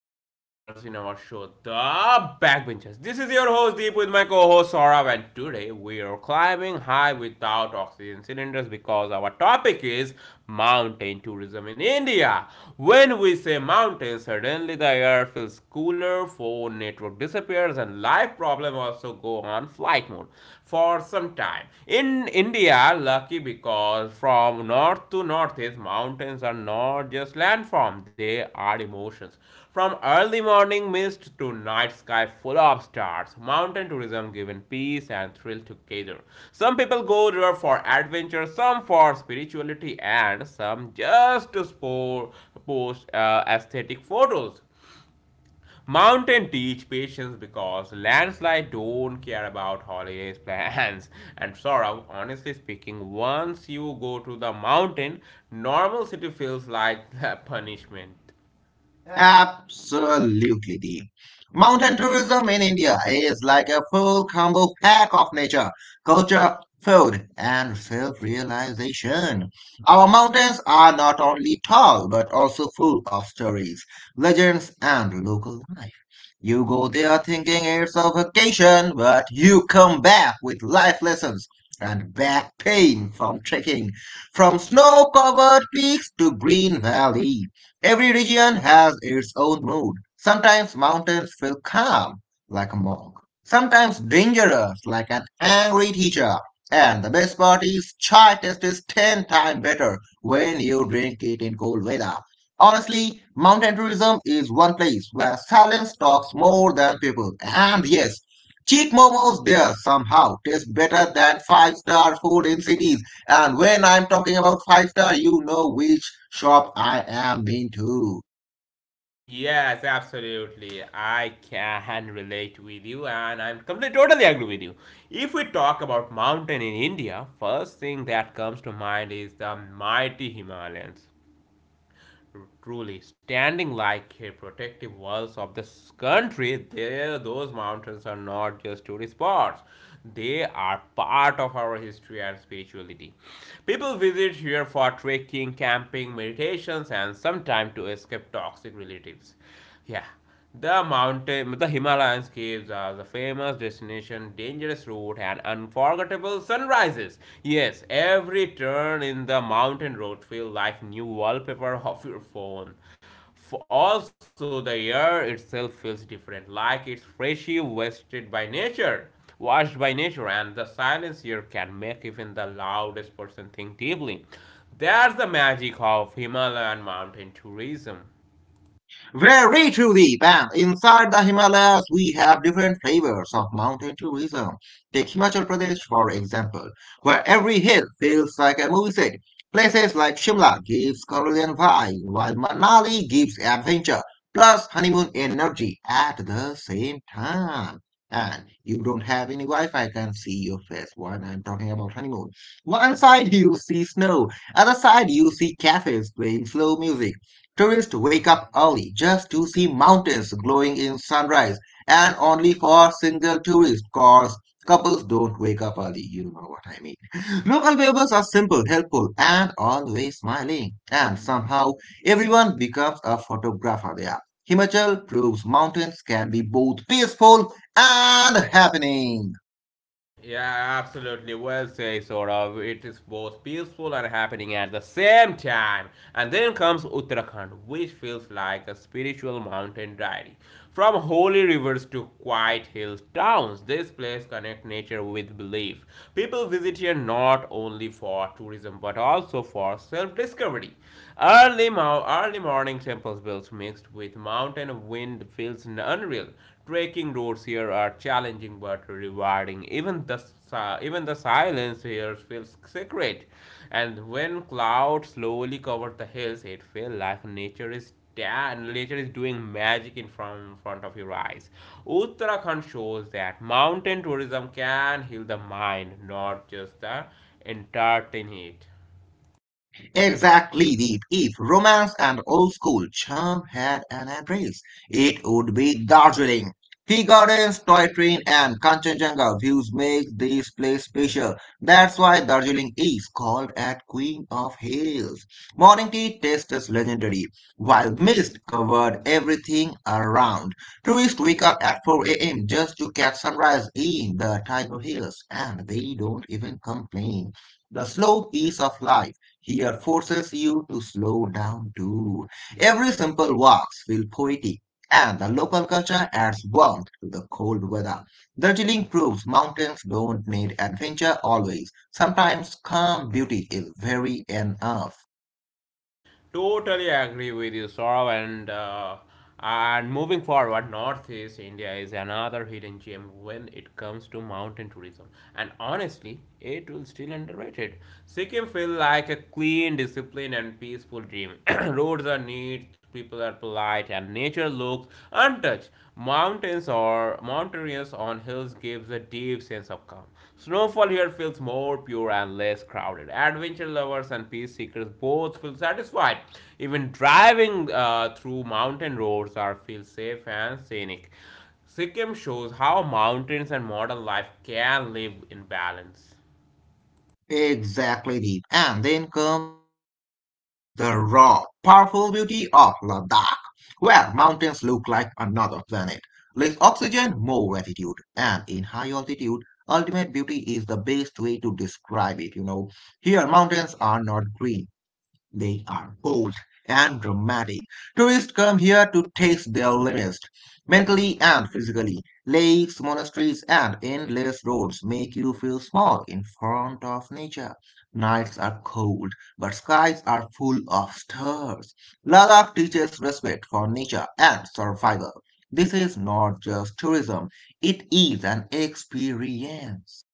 all our listeners in our show, The Backbenchers. This is your host Deep with my co-host Saurav, and today we are climbing high without oxygen cylinders because our topic is mountain tourism in India. When we say mountain, suddenly the air feels cooler, phone network disappears, and life problem also go on flight mode for some time. In India, lucky because from north to northeast, mountains are not just landform, they are emotions. From early morning mist to night sky full of stars, mountain tourism given peace and thrill together. Some people go there for adventure, some for spirituality, and some just to post aesthetic photos. Mountain teach patience because landslide don't care about holidays plans. And Saurav, honestly speaking, once you go to the mountain, normal city feels like the punishment. Absolutely, Deep. Mountain tourism in India is like a full combo pack of nature, culture, food, and self realization. Our mountains are not only tall but also full of stories, legends, and local life. You go there thinking it's a vacation, but you come back with life lessons and back pain from trekking, from snow covered peaks to green valleys. Every region has its own mood. Sometimes mountains feel calm, like a monk. Sometimes dangerous, like an angry teacher. And the best part is, chai tastes 10 times better when you drink it in cold weather. Honestly, mountain tourism is one place where silence talks more than people. And yes, cheap momos there somehow taste better than five star food in cities. And when I'm talking about five star, you know which shop I am into. Yes, absolutely. I can relate with you and I'm completely totally agree with you. If we talk about mountain in India, first thing that comes to mind is the mighty Himalayas. Truly standing like a protective walls of this country there those mountains are not just tourist spots, they are part of our history and spirituality. People visit here for trekking, camping, meditations, and sometimes to escape toxic relatives, yeah. The mountain, the Himalayan caves are the famous destination, dangerous route, and unforgettable sunrises. Yes, every turn in the mountain road feels like new wallpaper of your phone. Also, the air itself feels different, like it's freshly washed by nature, and the silence here can make even the loudest person think deeply. That's the magic of Himalayan mountain tourism. Very truly, bam! Inside the Himalayas, we have different flavors of mountain tourism. Take Himachal Pradesh, for example, where every hill feels like a movie set. Places like Shimla gives Carolian vibe, while Manali gives adventure, plus honeymoon energy at the same time. And you don't have any Wi-Fi can see your face when I'm talking about honeymoon. One side you see snow, other side you see cafes playing slow music. Tourists wake up early just to see mountains glowing in sunrise, and only for single tourists, cause couples don't wake up early. You know what I mean. Local neighbors are simple, helpful, and always smiling. And somehow, everyone becomes a photographer there. Himachal proves mountains can be both peaceful and happening. Yeah, absolutely. Well said, sort. It is both peaceful and happening at the same time. And then comes Uttarakhand, which feels like a spiritual mountain diary. From holy rivers to quiet hill towns, this place connects nature with belief. People visit here not only for tourism but also for self-discovery. Early morning temples bells mixed with mountain wind feels unreal. Breaking roads here are challenging but rewarding. Even the silence here feels sacred, and when clouds slowly cover the hills, it feels like nature is doing magic in front of your eyes. Uttarakhand shows that mountain tourism can heal the mind, not just the entertain it. Exactly, Deep. If romance and old school charm had an address, it would be Darjeeling. Tea gardens, toy train, and Kanchenjunga views make this place special. That's why Darjeeling is called at Queen of Hills. Morning tea tastes legendary, while mist covered everything around. Tourists wake up at 4 a.m. just to catch sunrise in the Tiger Hills, and they don't even complain. The slow pace of life here forces you to slow down too. Every simple walks feel poetic, and the local culture adds warmth to the cold weather. Darjeeling proves mountains don't need adventure always. Sometimes calm beauty is very enough. Totally agree with you, Saurav. And moving forward, Northeast India is another hidden gem when it comes to mountain tourism. And honestly, it will still underrated. Sikkim feel like a clean, disciplined, and peaceful dream. Roads are neat, people are polite, and nature looks untouched. Mountains or mountainous on hills gives a deep sense of calm. Snowfall here feels more pure and less crowded. Adventure lovers and peace seekers both feel satisfied. Even driving through mountain roads are feel safe and scenic. Sikkim shows how mountains and modern life can live in balance. Exactly, Deep. And then comes the raw, powerful beauty of Ladakh, where mountains look like another planet. Less oxygen, more altitude. And in high altitude, ultimate beauty is the best way to describe it, you know. Here, mountains are not green. They are bold and dramatic. Tourists come here to test their limits, mentally and physically. Lakes, monasteries, and endless roads make you feel small in front of nature. Nights are cold, but skies are full of stars. Ladakh teaches respect for nature and survival. This is not just tourism, it is an experience.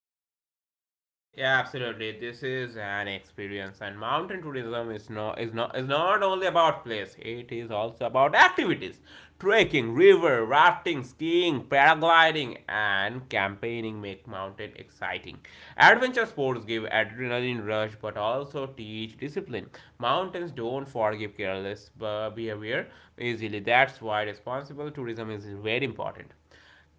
Yeah, absolutely. This is an experience, and mountain tourism is not only about place. It is also about activities: trekking, river rafting, skiing, paragliding, and campaigning make mountain exciting. Adventure sports give adrenaline rush, but also teach discipline. Mountains don't forgive careless behavior easily. That's why responsible tourism is very important.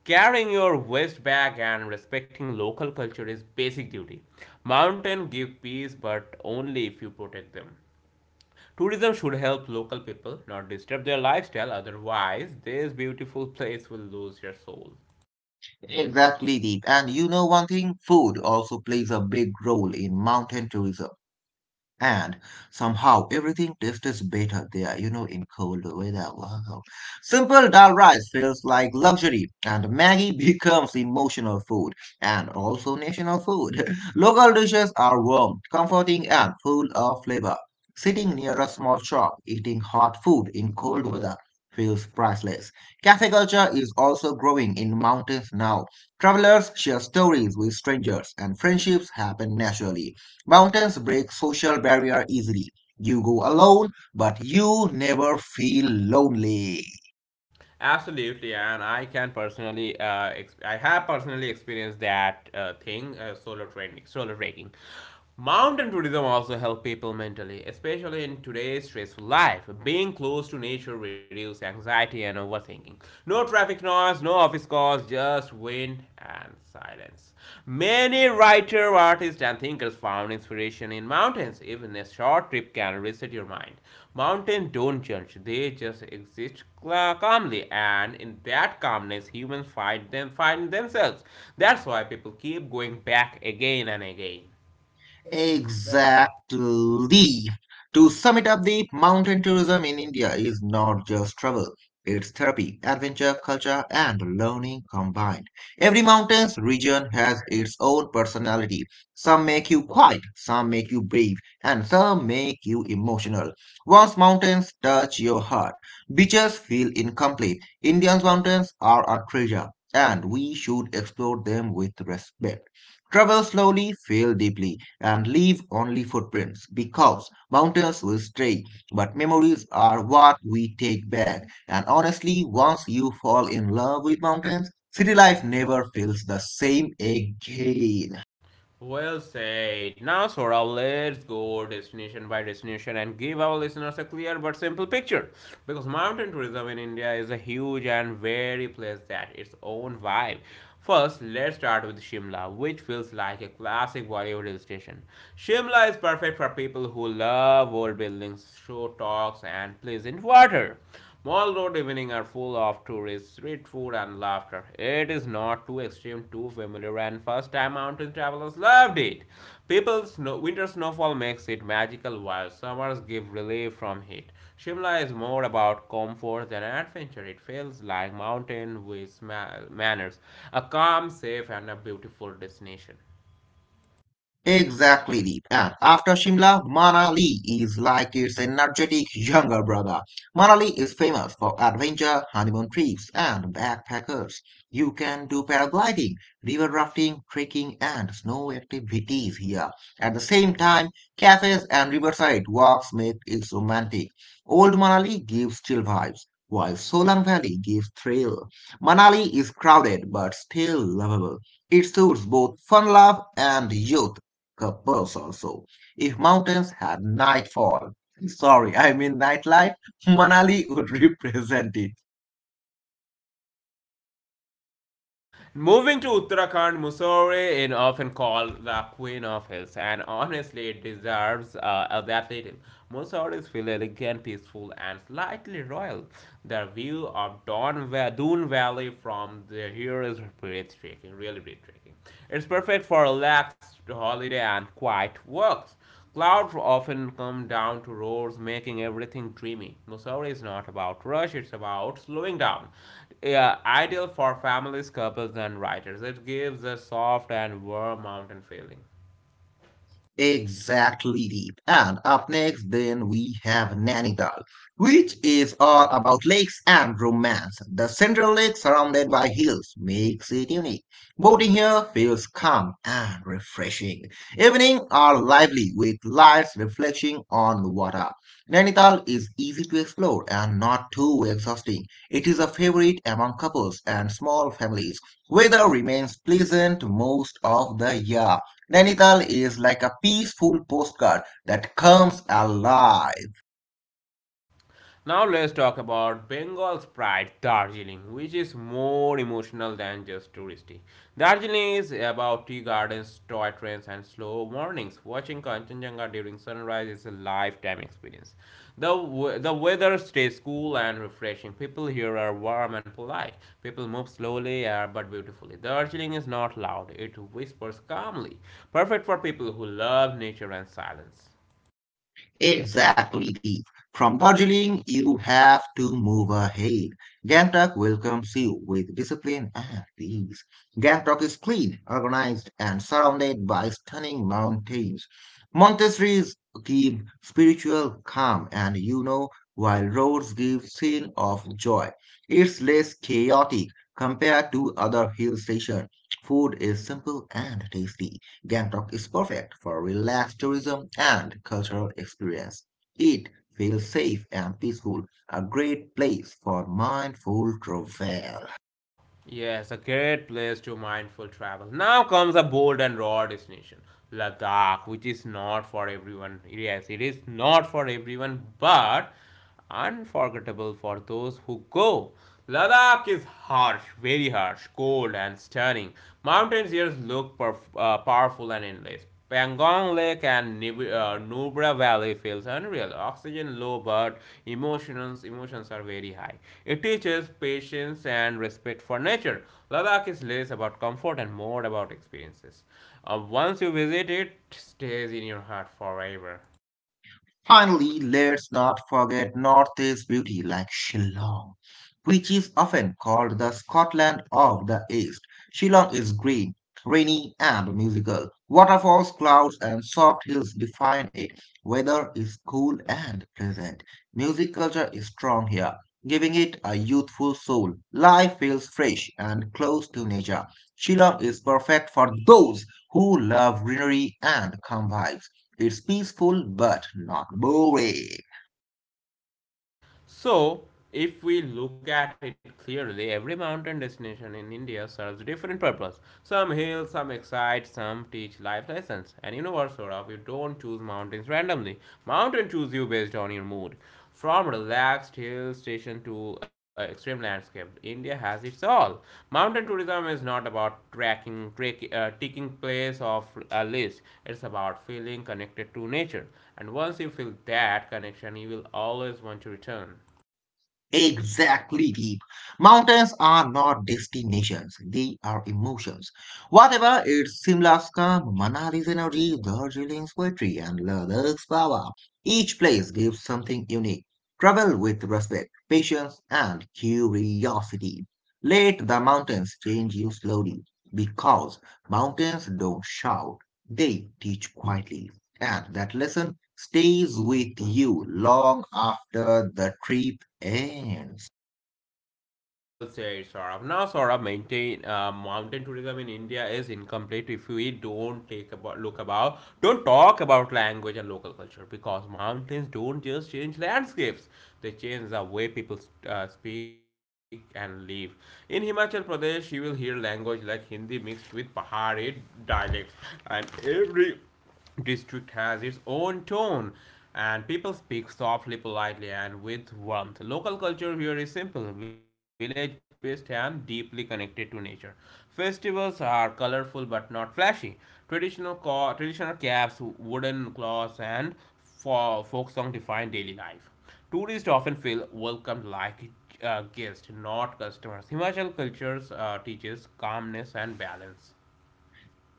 Carrying your waste bag and respecting local culture is basic duty. Mountains give peace, but only if you protect them. Tourism should help local people, not disturb their lifestyle, otherwise, this beautiful place will lose their soul. Exactly, Deep. And you know one thing? Food also plays a big role in mountain tourism and somehow everything tastes better there, you know, in cold weather. Wow. Simple dal rice feels like luxury, and Maggie becomes emotional food and also national food. Local dishes are warm, comforting, and full of flavor. Sitting near a small shop, eating hot food in cold weather feels priceless. Cafe culture is also growing in mountains now. Travelers share stories with strangers, and friendships happen naturally. Mountains break social barrier easily. You go alone, but you never feel lonely. Absolutely, and I have personally experienced that, solo training, solo trekking. Mountain tourism also help people mentally, especially in today's stressful life. Being close to nature reduces anxiety and overthinking. No traffic noise, no office calls, just wind and silence. Many writers, artists, and thinkers found inspiration in mountains. Even a short trip can reset your mind. Mountains don't judge, they just exist calmly, and in that calmness, humans find themselves. That's why people keep going back again and again. Exactly. To sum it up, the mountain tourism in India is not just travel. It's therapy, adventure, culture, and learning combined. Every mountain's region has its own personality. Some make you quiet, some make you brave, and some make you emotional. Once mountains touch your heart, beaches feel incomplete. India's mountains are a treasure, and we should explore them with respect. Travel slowly, feel deeply and leave only footprints because mountains will stray, but memories are what we take back. And honestly, once you fall in love with mountains, city life never feels the same again. Well said. Now, Saurabh, let's go destination by destination and give our listeners a clear but simple picture. Because mountain tourism in India is a huge and very place that its own vibe. First, let's start with Shimla, which feels like a classic Bollywood hill station. Shimla is perfect for people who love old buildings, show talks, and pleasant water. Mall road evening are full of tourists, street food, and laughter. It is not too extreme, too familiar, and first-time mountain travelers loved it. People's snow, winter snowfall makes it magical, while summers give relief from heat. Shimla is more about comfort than adventure. It feels like mountain with manners, a calm, safe, and a beautiful destination. Exactly, Deep. And after Shimla, Manali is like its energetic younger brother. Manali is famous for adventure, honeymoon trips, and backpackers. You can do paragliding, river rafting, trekking, and snow activities here. At the same time, cafes and riverside walks make it romantic. Old Manali gives chill vibes, while Solang Valley gives thrill. Manali is crowded but still lovable. It suits both fun love and youth couples also. If mountains had nightfall, sorry, I mean nightlife, Manali would represent it. Moving to Uttarakhand, Mussoorie is often called the Queen of Hills, and honestly, it deserves that title. Mussoories feel elegant, peaceful, and slightly royal. The view of Doon Valley from the here is breathtaking, really breathtaking. It's perfect for relaxed holiday and quiet walks. Clouds often come down to roars, making everything dreamy. Mussoorie is not about rush, it's about slowing down. Yeah, ideal for families, couples, and writers. It gives a soft and warm mountain feeling. Exactly, Deep. And up next, then we have Nainital, which is all about lakes and romance. The central lake, surrounded by hills, makes it unique. Boating here feels calm and refreshing. Evening are lively with lights reflecting on the water. Nainital is easy to explore and not too exhausting. It is a favorite among couples and small families. Weather remains pleasant most of the year. Nainital is like a peaceful postcard that comes alive. Now let's talk about Bengal's pride, Darjeeling, which is more emotional than just touristy. Darjeeling is about tea gardens, toy trains, and slow mornings. Watching Kanchenjunga during sunrise is a lifetime experience. The, the weather stays cool and refreshing. People here are warm and polite. People move slowly but beautifully. Darjeeling is not loud, it whispers calmly. Perfect for people who love nature and silence. Exactly, Deep. From Darjeeling, you have to move ahead. Gangtok welcomes you with discipline and peace. Gangtok is clean, organized, and surrounded by stunning mountains. Monasteries give spiritual calm, and you know, while roads give scene of joy. It's less chaotic compared to other hill stations. Food is simple and tasty. Gangtok is perfect for relaxed tourism and cultural experience. It feels safe and peaceful, a great place for mindful travel. Yes, a great place to mindful travel. Now comes a bold and raw destination, Ladakh, which is not for everyone. Yes, it is not for everyone, but unforgettable for those who go. Ladakh is harsh, very harsh, cold and stunning. Mountains here look powerful and endless. Pangong Lake and Nubra Valley feels unreal. Oxygen low, but emotions are very high. It teaches patience and respect for nature. Ladakh is less about comfort and more about experiences. Once you visit it, stays in your heart forever. Finally, let's not forget Northeast beauty like Shillong, which is often called the Scotland of the East. Shillong is green, rainy, and musical. Waterfalls, clouds, and soft hills define it. Weather is cool and pleasant. Music culture is strong here, giving it a youthful soul. Life feels fresh and close to nature. Shillong is perfect for those who love greenery and calm vibes. It's peaceful but not boring. So, if we look at it clearly, every mountain destination in India serves different purpose. Some heal, some excite, some teach life lessons. And you know what, Saurav, you don't choose mountains randomly. Mountain choose you based on your mood. From relaxed hill station to extreme landscape, India has its all. Mountain tourism is not about ticking place of a list. It's about feeling connected to nature. And once you feel that connection, you will always want to return. Exactly, Deep. Mountains are not destinations, they are emotions. Whatever it's Simla's calm, Manali's energy, Darjeeling's poetry, and Ladakh's power, each place gives something unique. Travel with respect, patience, and curiosity. Let the mountains change you slowly because mountains don't shout, they teach quietly. And that lesson stays with you long after the trip ends. Well said, Saurabh. Now, Saurabh, maintain mountain tourism in India is incomplete if we don't take about look about don't talk about language and local culture because mountains don't just change landscapes; they change the way people speak and live. In Himachal Pradesh, you will hear language like Hindi mixed with Pahari dialects, and every district has its own tone and people speak softly, politely, and with warmth. Local culture here is simple, village based, and deeply connected to nature. Festivals are colorful but not flashy. Traditional caps, wooden cloths, and folk song define daily life. Tourists often feel welcomed like guests, not customers. Himachal cultures teaches calmness and balance.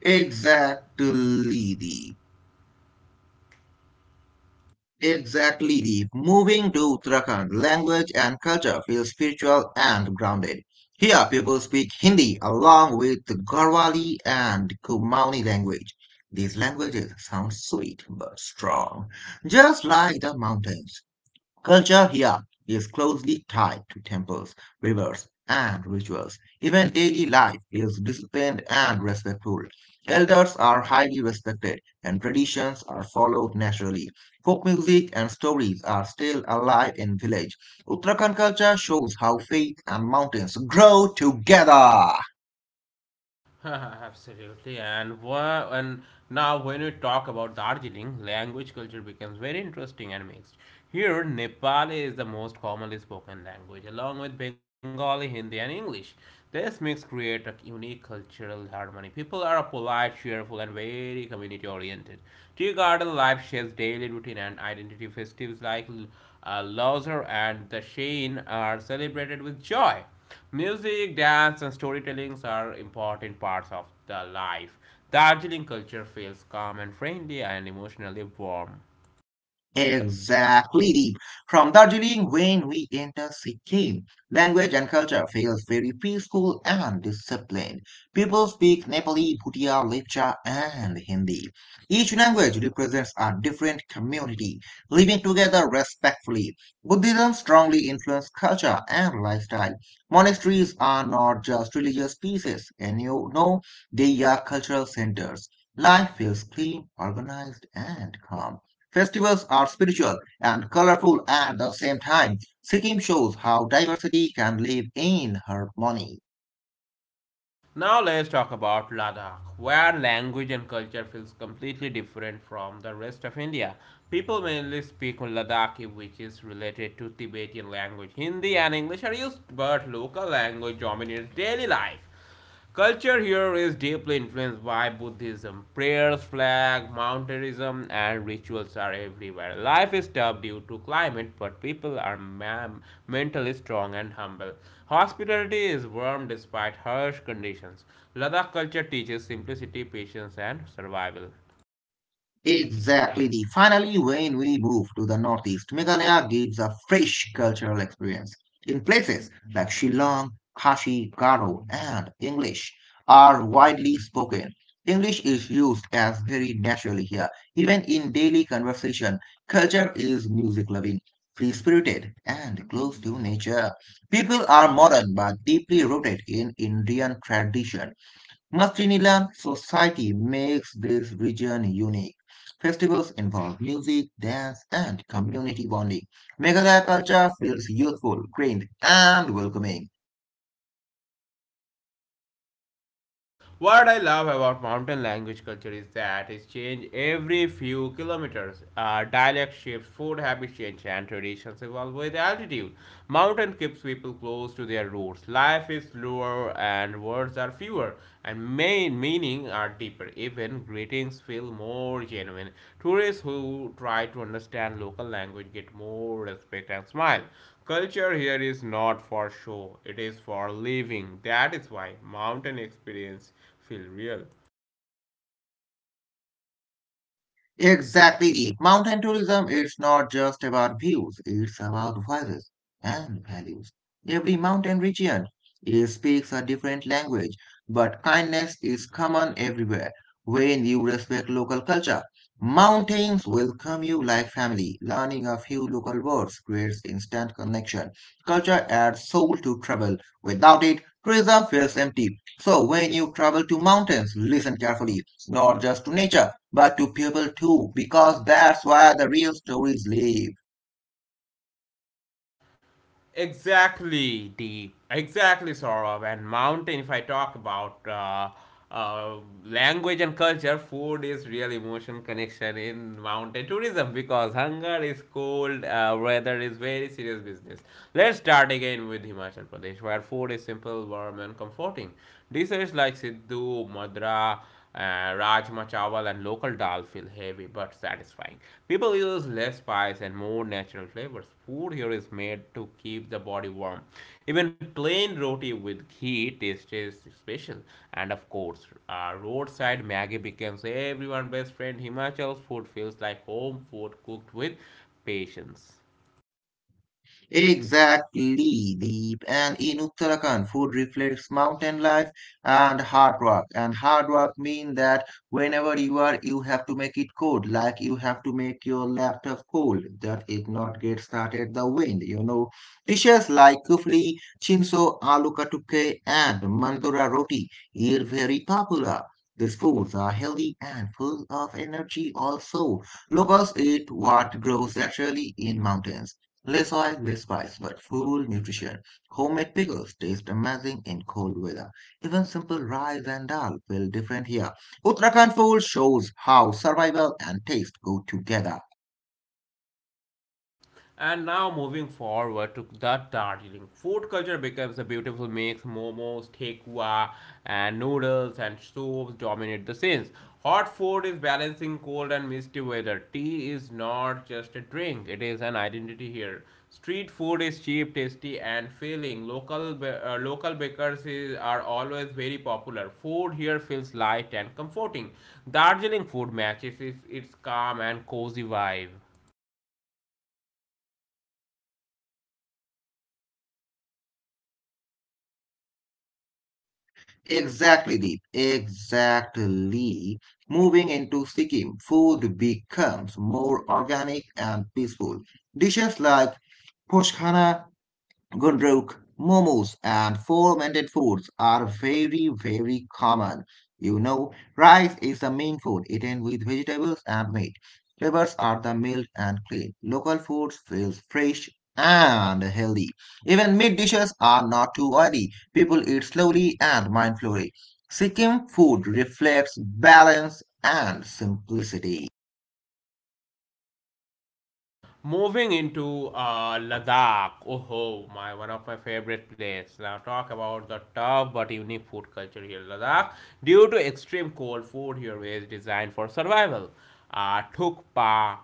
Exactly, Deep. Exactly, Deep. Moving to Uttarakhand, language and culture feel spiritual and grounded. Here, people speak Hindi along with Garhwali and Kumaoni language. These languages sound sweet but strong, just like the mountains. Culture here is closely tied to temples, rivers, and rituals. Even daily life is disciplined and respectful. Elders are highly respected, and traditions are followed naturally. Folk music and stories are still alive in village. Uttarakhand culture shows how faith and mountains grow together. Absolutely, and now when we talk about Darjeeling, language culture becomes very interesting and mixed. Here, Nepali is the most commonly spoken language, along with Bengali, Hindi, and English. This mix creates a unique cultural harmony. People are polite, cheerful, and very community oriented. Tea garden life shapes daily routine and identity. Festivities like Lozar and the Shane are celebrated with joy. Music, dance, and storytellings are important parts of the life. Darjeeling culture feels calm and friendly and emotionally warm. Exactly, Deep. From Darjeeling, when we enter Sikkim, language and culture feels very peaceful and disciplined. People speak Nepali, Bhutia, Lepcha, and Hindi. Each language represents a different community, living together respectfully. Buddhism strongly influenced culture and lifestyle. Monasteries are not just religious pieces, and you know, they are cultural centers. Life feels clean, organized, and calm. Festivals are spiritual and colorful at the same time. Sikkim shows how diversity can live in harmony. Now let's talk about Ladakh, where language and culture feels completely different from the rest of India. People mainly speak Ladakhi, which is related to Tibetan language. Hindi and English are used, but local language dominates daily life. Culture here is deeply influenced reasons why Buddhism, prayers, flag, mountainism, and rituals are everywhere. Life is tough due to climate, but people are mentally strong and humble. Hospitality is warm despite harsh conditions. Ladakh culture teaches simplicity, patience, and survival. Exactly. The finally, when we move to the northeast, Meghalaya gives a fresh cultural experience. In places like Shillong, Kashi, Garo, and English are widely spoken. English is used as very naturally here. Even in daily conversation, culture is music loving, free spirited, and close to nature. People are modern but deeply rooted in Indian tradition. Mastrilian society makes this region unique. Festivals involve music, dance, and community bonding. Meghalaya culture feels youthful, green, and welcoming. What I love about mountain language culture is that it changes every few kilometers. Dialect shifts, food habits change, and traditions evolve with altitude. Mountain keeps people close to their roots. Life is slower and words are fewer, and main meaning are deeper. Even greetings feel more genuine. Tourists who try to understand local language get more respect and smile. Culture here is not for show, it is for living. That is why mountain experience feel real. Exactly. Mountain tourism is not just about views, it's about voices and values. Every mountain region it speaks a different language, but kindness is common everywhere. When you respect local culture, mountains welcome you like family. Learning a few local words creates instant connection. Culture adds soul to travel. Without it, tourism feels empty. So when you travel to mountains, listen carefully, not just to nature but to people too, because that's where the real stories live. Exactly, deep, exactly Saurabh and mountain. If I talk about uh, language and culture, food is real emotion connection in mountain tourism because hunger is cold, weather is very serious business. Let's start again with Himachal Pradesh, where food is simple, warm, and comforting. Dishes like Siddhu, Madra rajma chawal and local dal feel heavy but satisfying. People use less spice and more natural flavors. Food here is made to keep the body warm. Even plain roti with ghee tastes special. And of course, roadside maggi becomes everyone's best friend. Himachal's food feels like home food cooked with patience. Exactly, Deep. And in Uttarakhand, food reflects mountain life and hard work. And hard work means that whenever you are, you have to make it cold, like you have to make your laptop cold, that it not get started the wind. You know, dishes like kufli, chinso, aloo katuke, and mandora roti are very popular. These foods are healthy and full of energy also. Locals eat what grows naturally in mountains. Less oil, less spice, but full nutrition. Homemade pickles taste amazing in cold weather. Even simple rice and dal feel different here. Uttarakhand food shows how survival and taste go together. And now moving forward to the Darjeeling. Food culture becomes a beautiful mix. Momos, tekwa, and noodles and soups dominate the scenes. Hot food is balancing cold and misty weather. Tea is not just a drink, it is an identity here. Street food is cheap, tasty, and filling. Local bakers are always very popular. Food here feels light and comforting. Darjeeling food matches its calm and cozy vibe. Exactly, Deep. Exactly. Moving into Sikkim, food becomes more organic and peaceful. Dishes like Poshkhana Gundruk, momos, and fermented foods are very, very common. You know, rice is the main food eaten with vegetables and meat. Flavors are the mild and clean. Local foods feel fresh and healthy. Even meat dishes are not too oily. People eat slowly and mindfully. Sikkim food reflects balance and simplicity. Moving into Ladakh, oh my, one of my favorite places. Now talk about the tough but unique food culture here, Ladakh. Due to extreme cold, food here is designed for survival. Thukpa,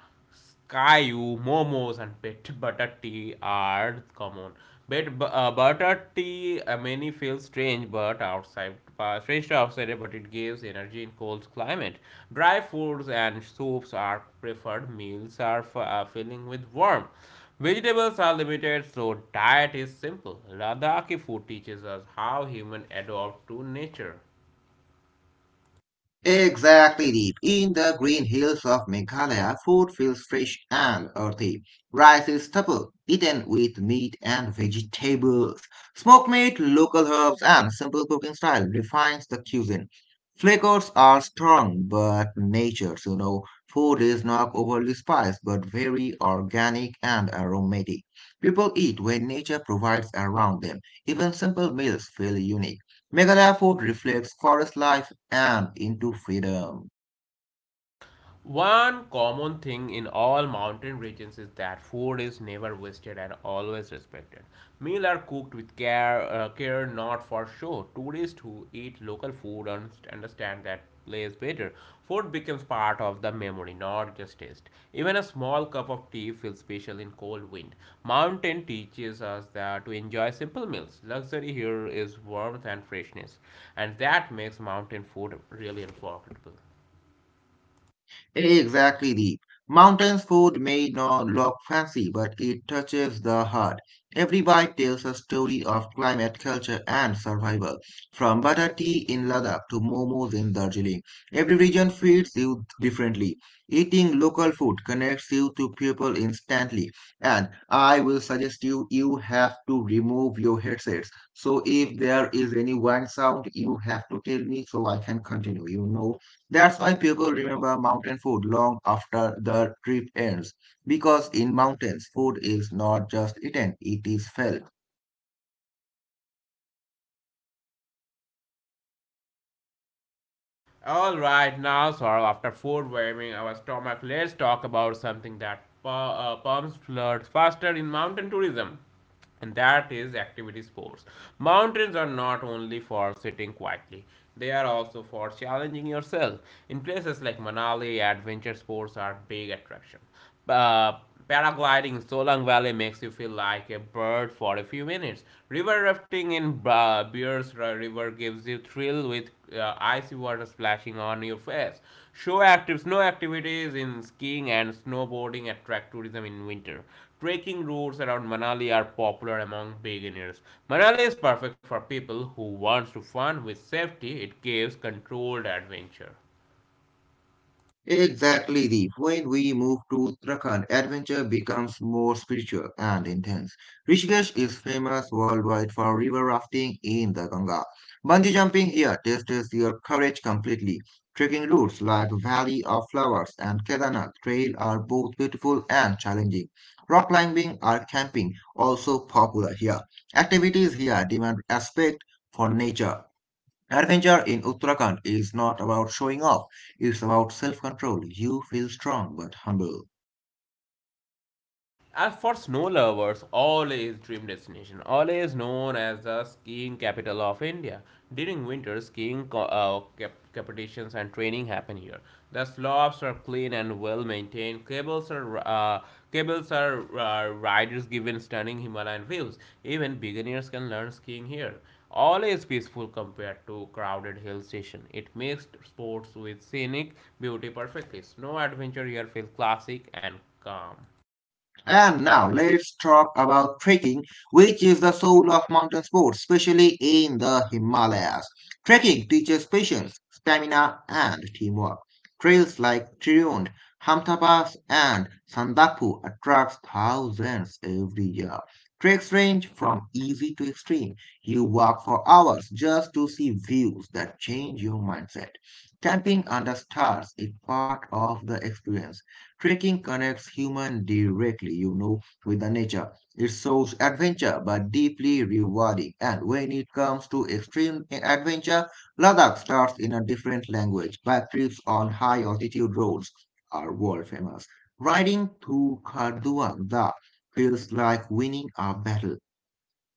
Kayu, momos, and pit butter tea are common. But butter tea many feel strange, but outside strange to outsider, but it gives energy in cold climate. Dry foods and soups are preferred. Meals are filling with warmth. Vegetables are limited, so diet is simple. Ladakhi food teaches us how human adapt to nature. Exactly, Deep. In the green hills of Meghalaya, food feels fresh and earthy. Rice is stubble, eaten with meat and vegetables. Smoked meat, local herbs, and simple cooking style refines the cuisine. Flavors are strong but natured, Food is not overly spiced but very organic and aromatic. People eat when nature provides around them. Even simple meals feel unique. Meghalaya Fort reflects forest life and into freedom. One common thing in all mountain regions is that food is never wasted and always respected. Meals are cooked with care, care not for show. Tourists who eat local food understand that place better. Food becomes part of the memory, not just taste. Even a small cup of tea feels special in cold wind. Mountain teaches us that to enjoy simple meals. Luxury here is warmth and freshness, and that makes mountain food really unforgettable. Exactly, Deep. Mountains food may not look fancy, but it touches the heart. Every bite tells a story of climate, culture, and survival. From butter tea in Ladakh to momos in Darjeeling, every region feeds you differently. Eating local food connects you to people instantly, and I will suggest you have to remove your headsets. So if there is any whine sound, you have to tell me so I can continue. You know. That's why people remember mountain food long after the trip ends, because in mountains, food is not just eaten, it is felt. All right, now, Saurabh, after food warming our stomach, let's talk about something that pumps blood faster in mountain tourism, and that is activity sports. Mountains are not only for sitting quietly, they are also for challenging yourself. In places like Manali, adventure sports are big attraction. Uh, Paragliding in Solang Valley makes you feel like a bird for a few minutes. River rafting in Bears River gives you thrill with icy water splashing on your face. Show active snow activities in skiing and snowboarding attract tourism in winter. Trekking routes around Manali are popular among beginners. Manali is perfect for people who wants to fun with safety. It gives controlled adventure. Exactly, Deep. When we move to Uttarakhand, adventure becomes more spiritual and intense. Rishikesh is famous worldwide for river rafting in the Ganga. Bungee jumping here tests your courage completely. Trekking routes like Valley of Flowers and Kedarnath Trail are both beautiful and challenging. Rock climbing or camping also popular here. Activities here demand respect for nature. Adventure in Uttarakhand is not about showing off, it's about self control. You feel strong but humble. As for snow lovers, Oleh is dream destination. Oleh is known as the skiing capital of India. During winter, skiing competitions and training happen here. The slopes are clean and well maintained. Cables are, riders given stunning Himalayan views. Even beginners can learn skiing here. Oleh is peaceful compared to crowded hill station. It makes sports with scenic beauty perfectly. Snow adventure here feels classic and calm. And now let's talk about trekking, which is the soul of mountain sports, especially in the Himalayas. Trekking teaches patience, stamina, and teamwork. Trails like Triund, Hamta Pass, and Sandapu attracts thousands every year. Treks range from easy to extreme. You walk for hours just to see views that change your mindset. Camping under stars is part of the experience. Trekking connects human directly, with the nature. It shows adventure but deeply rewarding. And when it comes to extreme adventure, Ladakh starts in a different language. Bike trips on high altitude roads are world famous. Riding through Kharduang Da feels like winning a battle.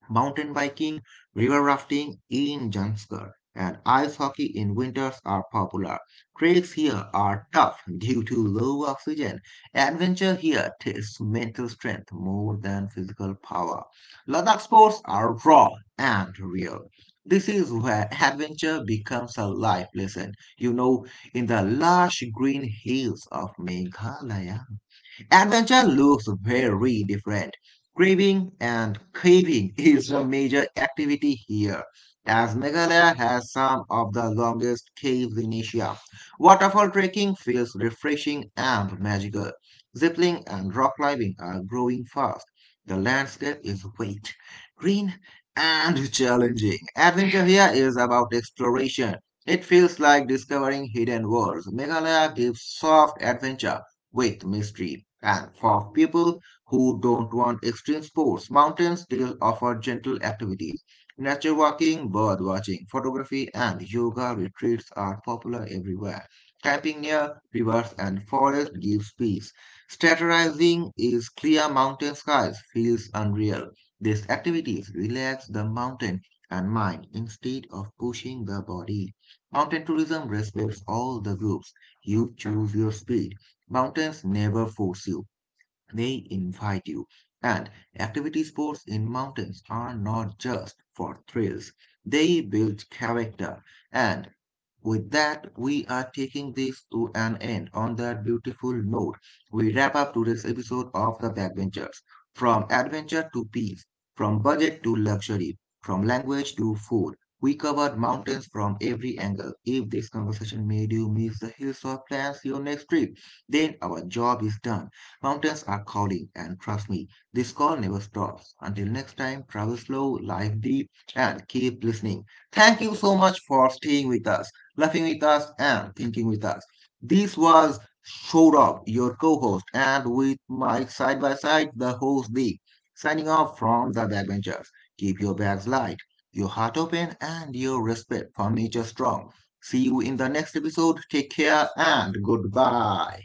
Mountain biking, river rafting in Jamshedpur, and ice hockey in winters are popular. Treks here are tough due to low oxygen. Adventure here tests mental strength more than physical power. Ladakh sports are raw and real. This is where adventure becomes a life lesson. You know, in the lush green hills of Meghalaya. Adventure looks very different. Craving and caving is a major activity here, as Meghalaya has some of the longest caves in Asia. Waterfall trekking feels refreshing and magical. Ziplining and rock climbing are growing fast. The landscape is wet, green, and challenging. Adventure here is about exploration. It feels like discovering hidden worlds. Meghalaya gives soft adventure with mystery. And for people who don't want extreme sports, mountains still offer gentle activities. Nature walking, bird watching, photography, and yoga retreats are popular everywhere. Camping near rivers and forests gives peace. Strategizing is clear mountain skies feels unreal. These activities relax the mountain and mind instead of pushing the body. Mountain tourism respects all the groups. You choose your speed. Mountains never force you, they invite you. And activity sports in mountains are not just for thrills, they build character. And with that, we are taking this to an end on that beautiful note. We wrap up today's episode of The Backbenchers. From adventure to peace, from budget to luxury, from language to food, we covered mountains from every angle. If this conversation made you miss the hills or plans your next trip, then our job is done. Mountains are calling, and trust me, this call never stops. Until next time, travel slow, life deep, and keep listening. Thank you so much for staying with us laughing with us, and thinking with us. This was Shourab, your co host, and with Mike side by side, the host Deep, signing off from the backbenchers. Keep your bags light, your heart open, and your respect for nature strong. See you in the next episode. Take care and goodbye.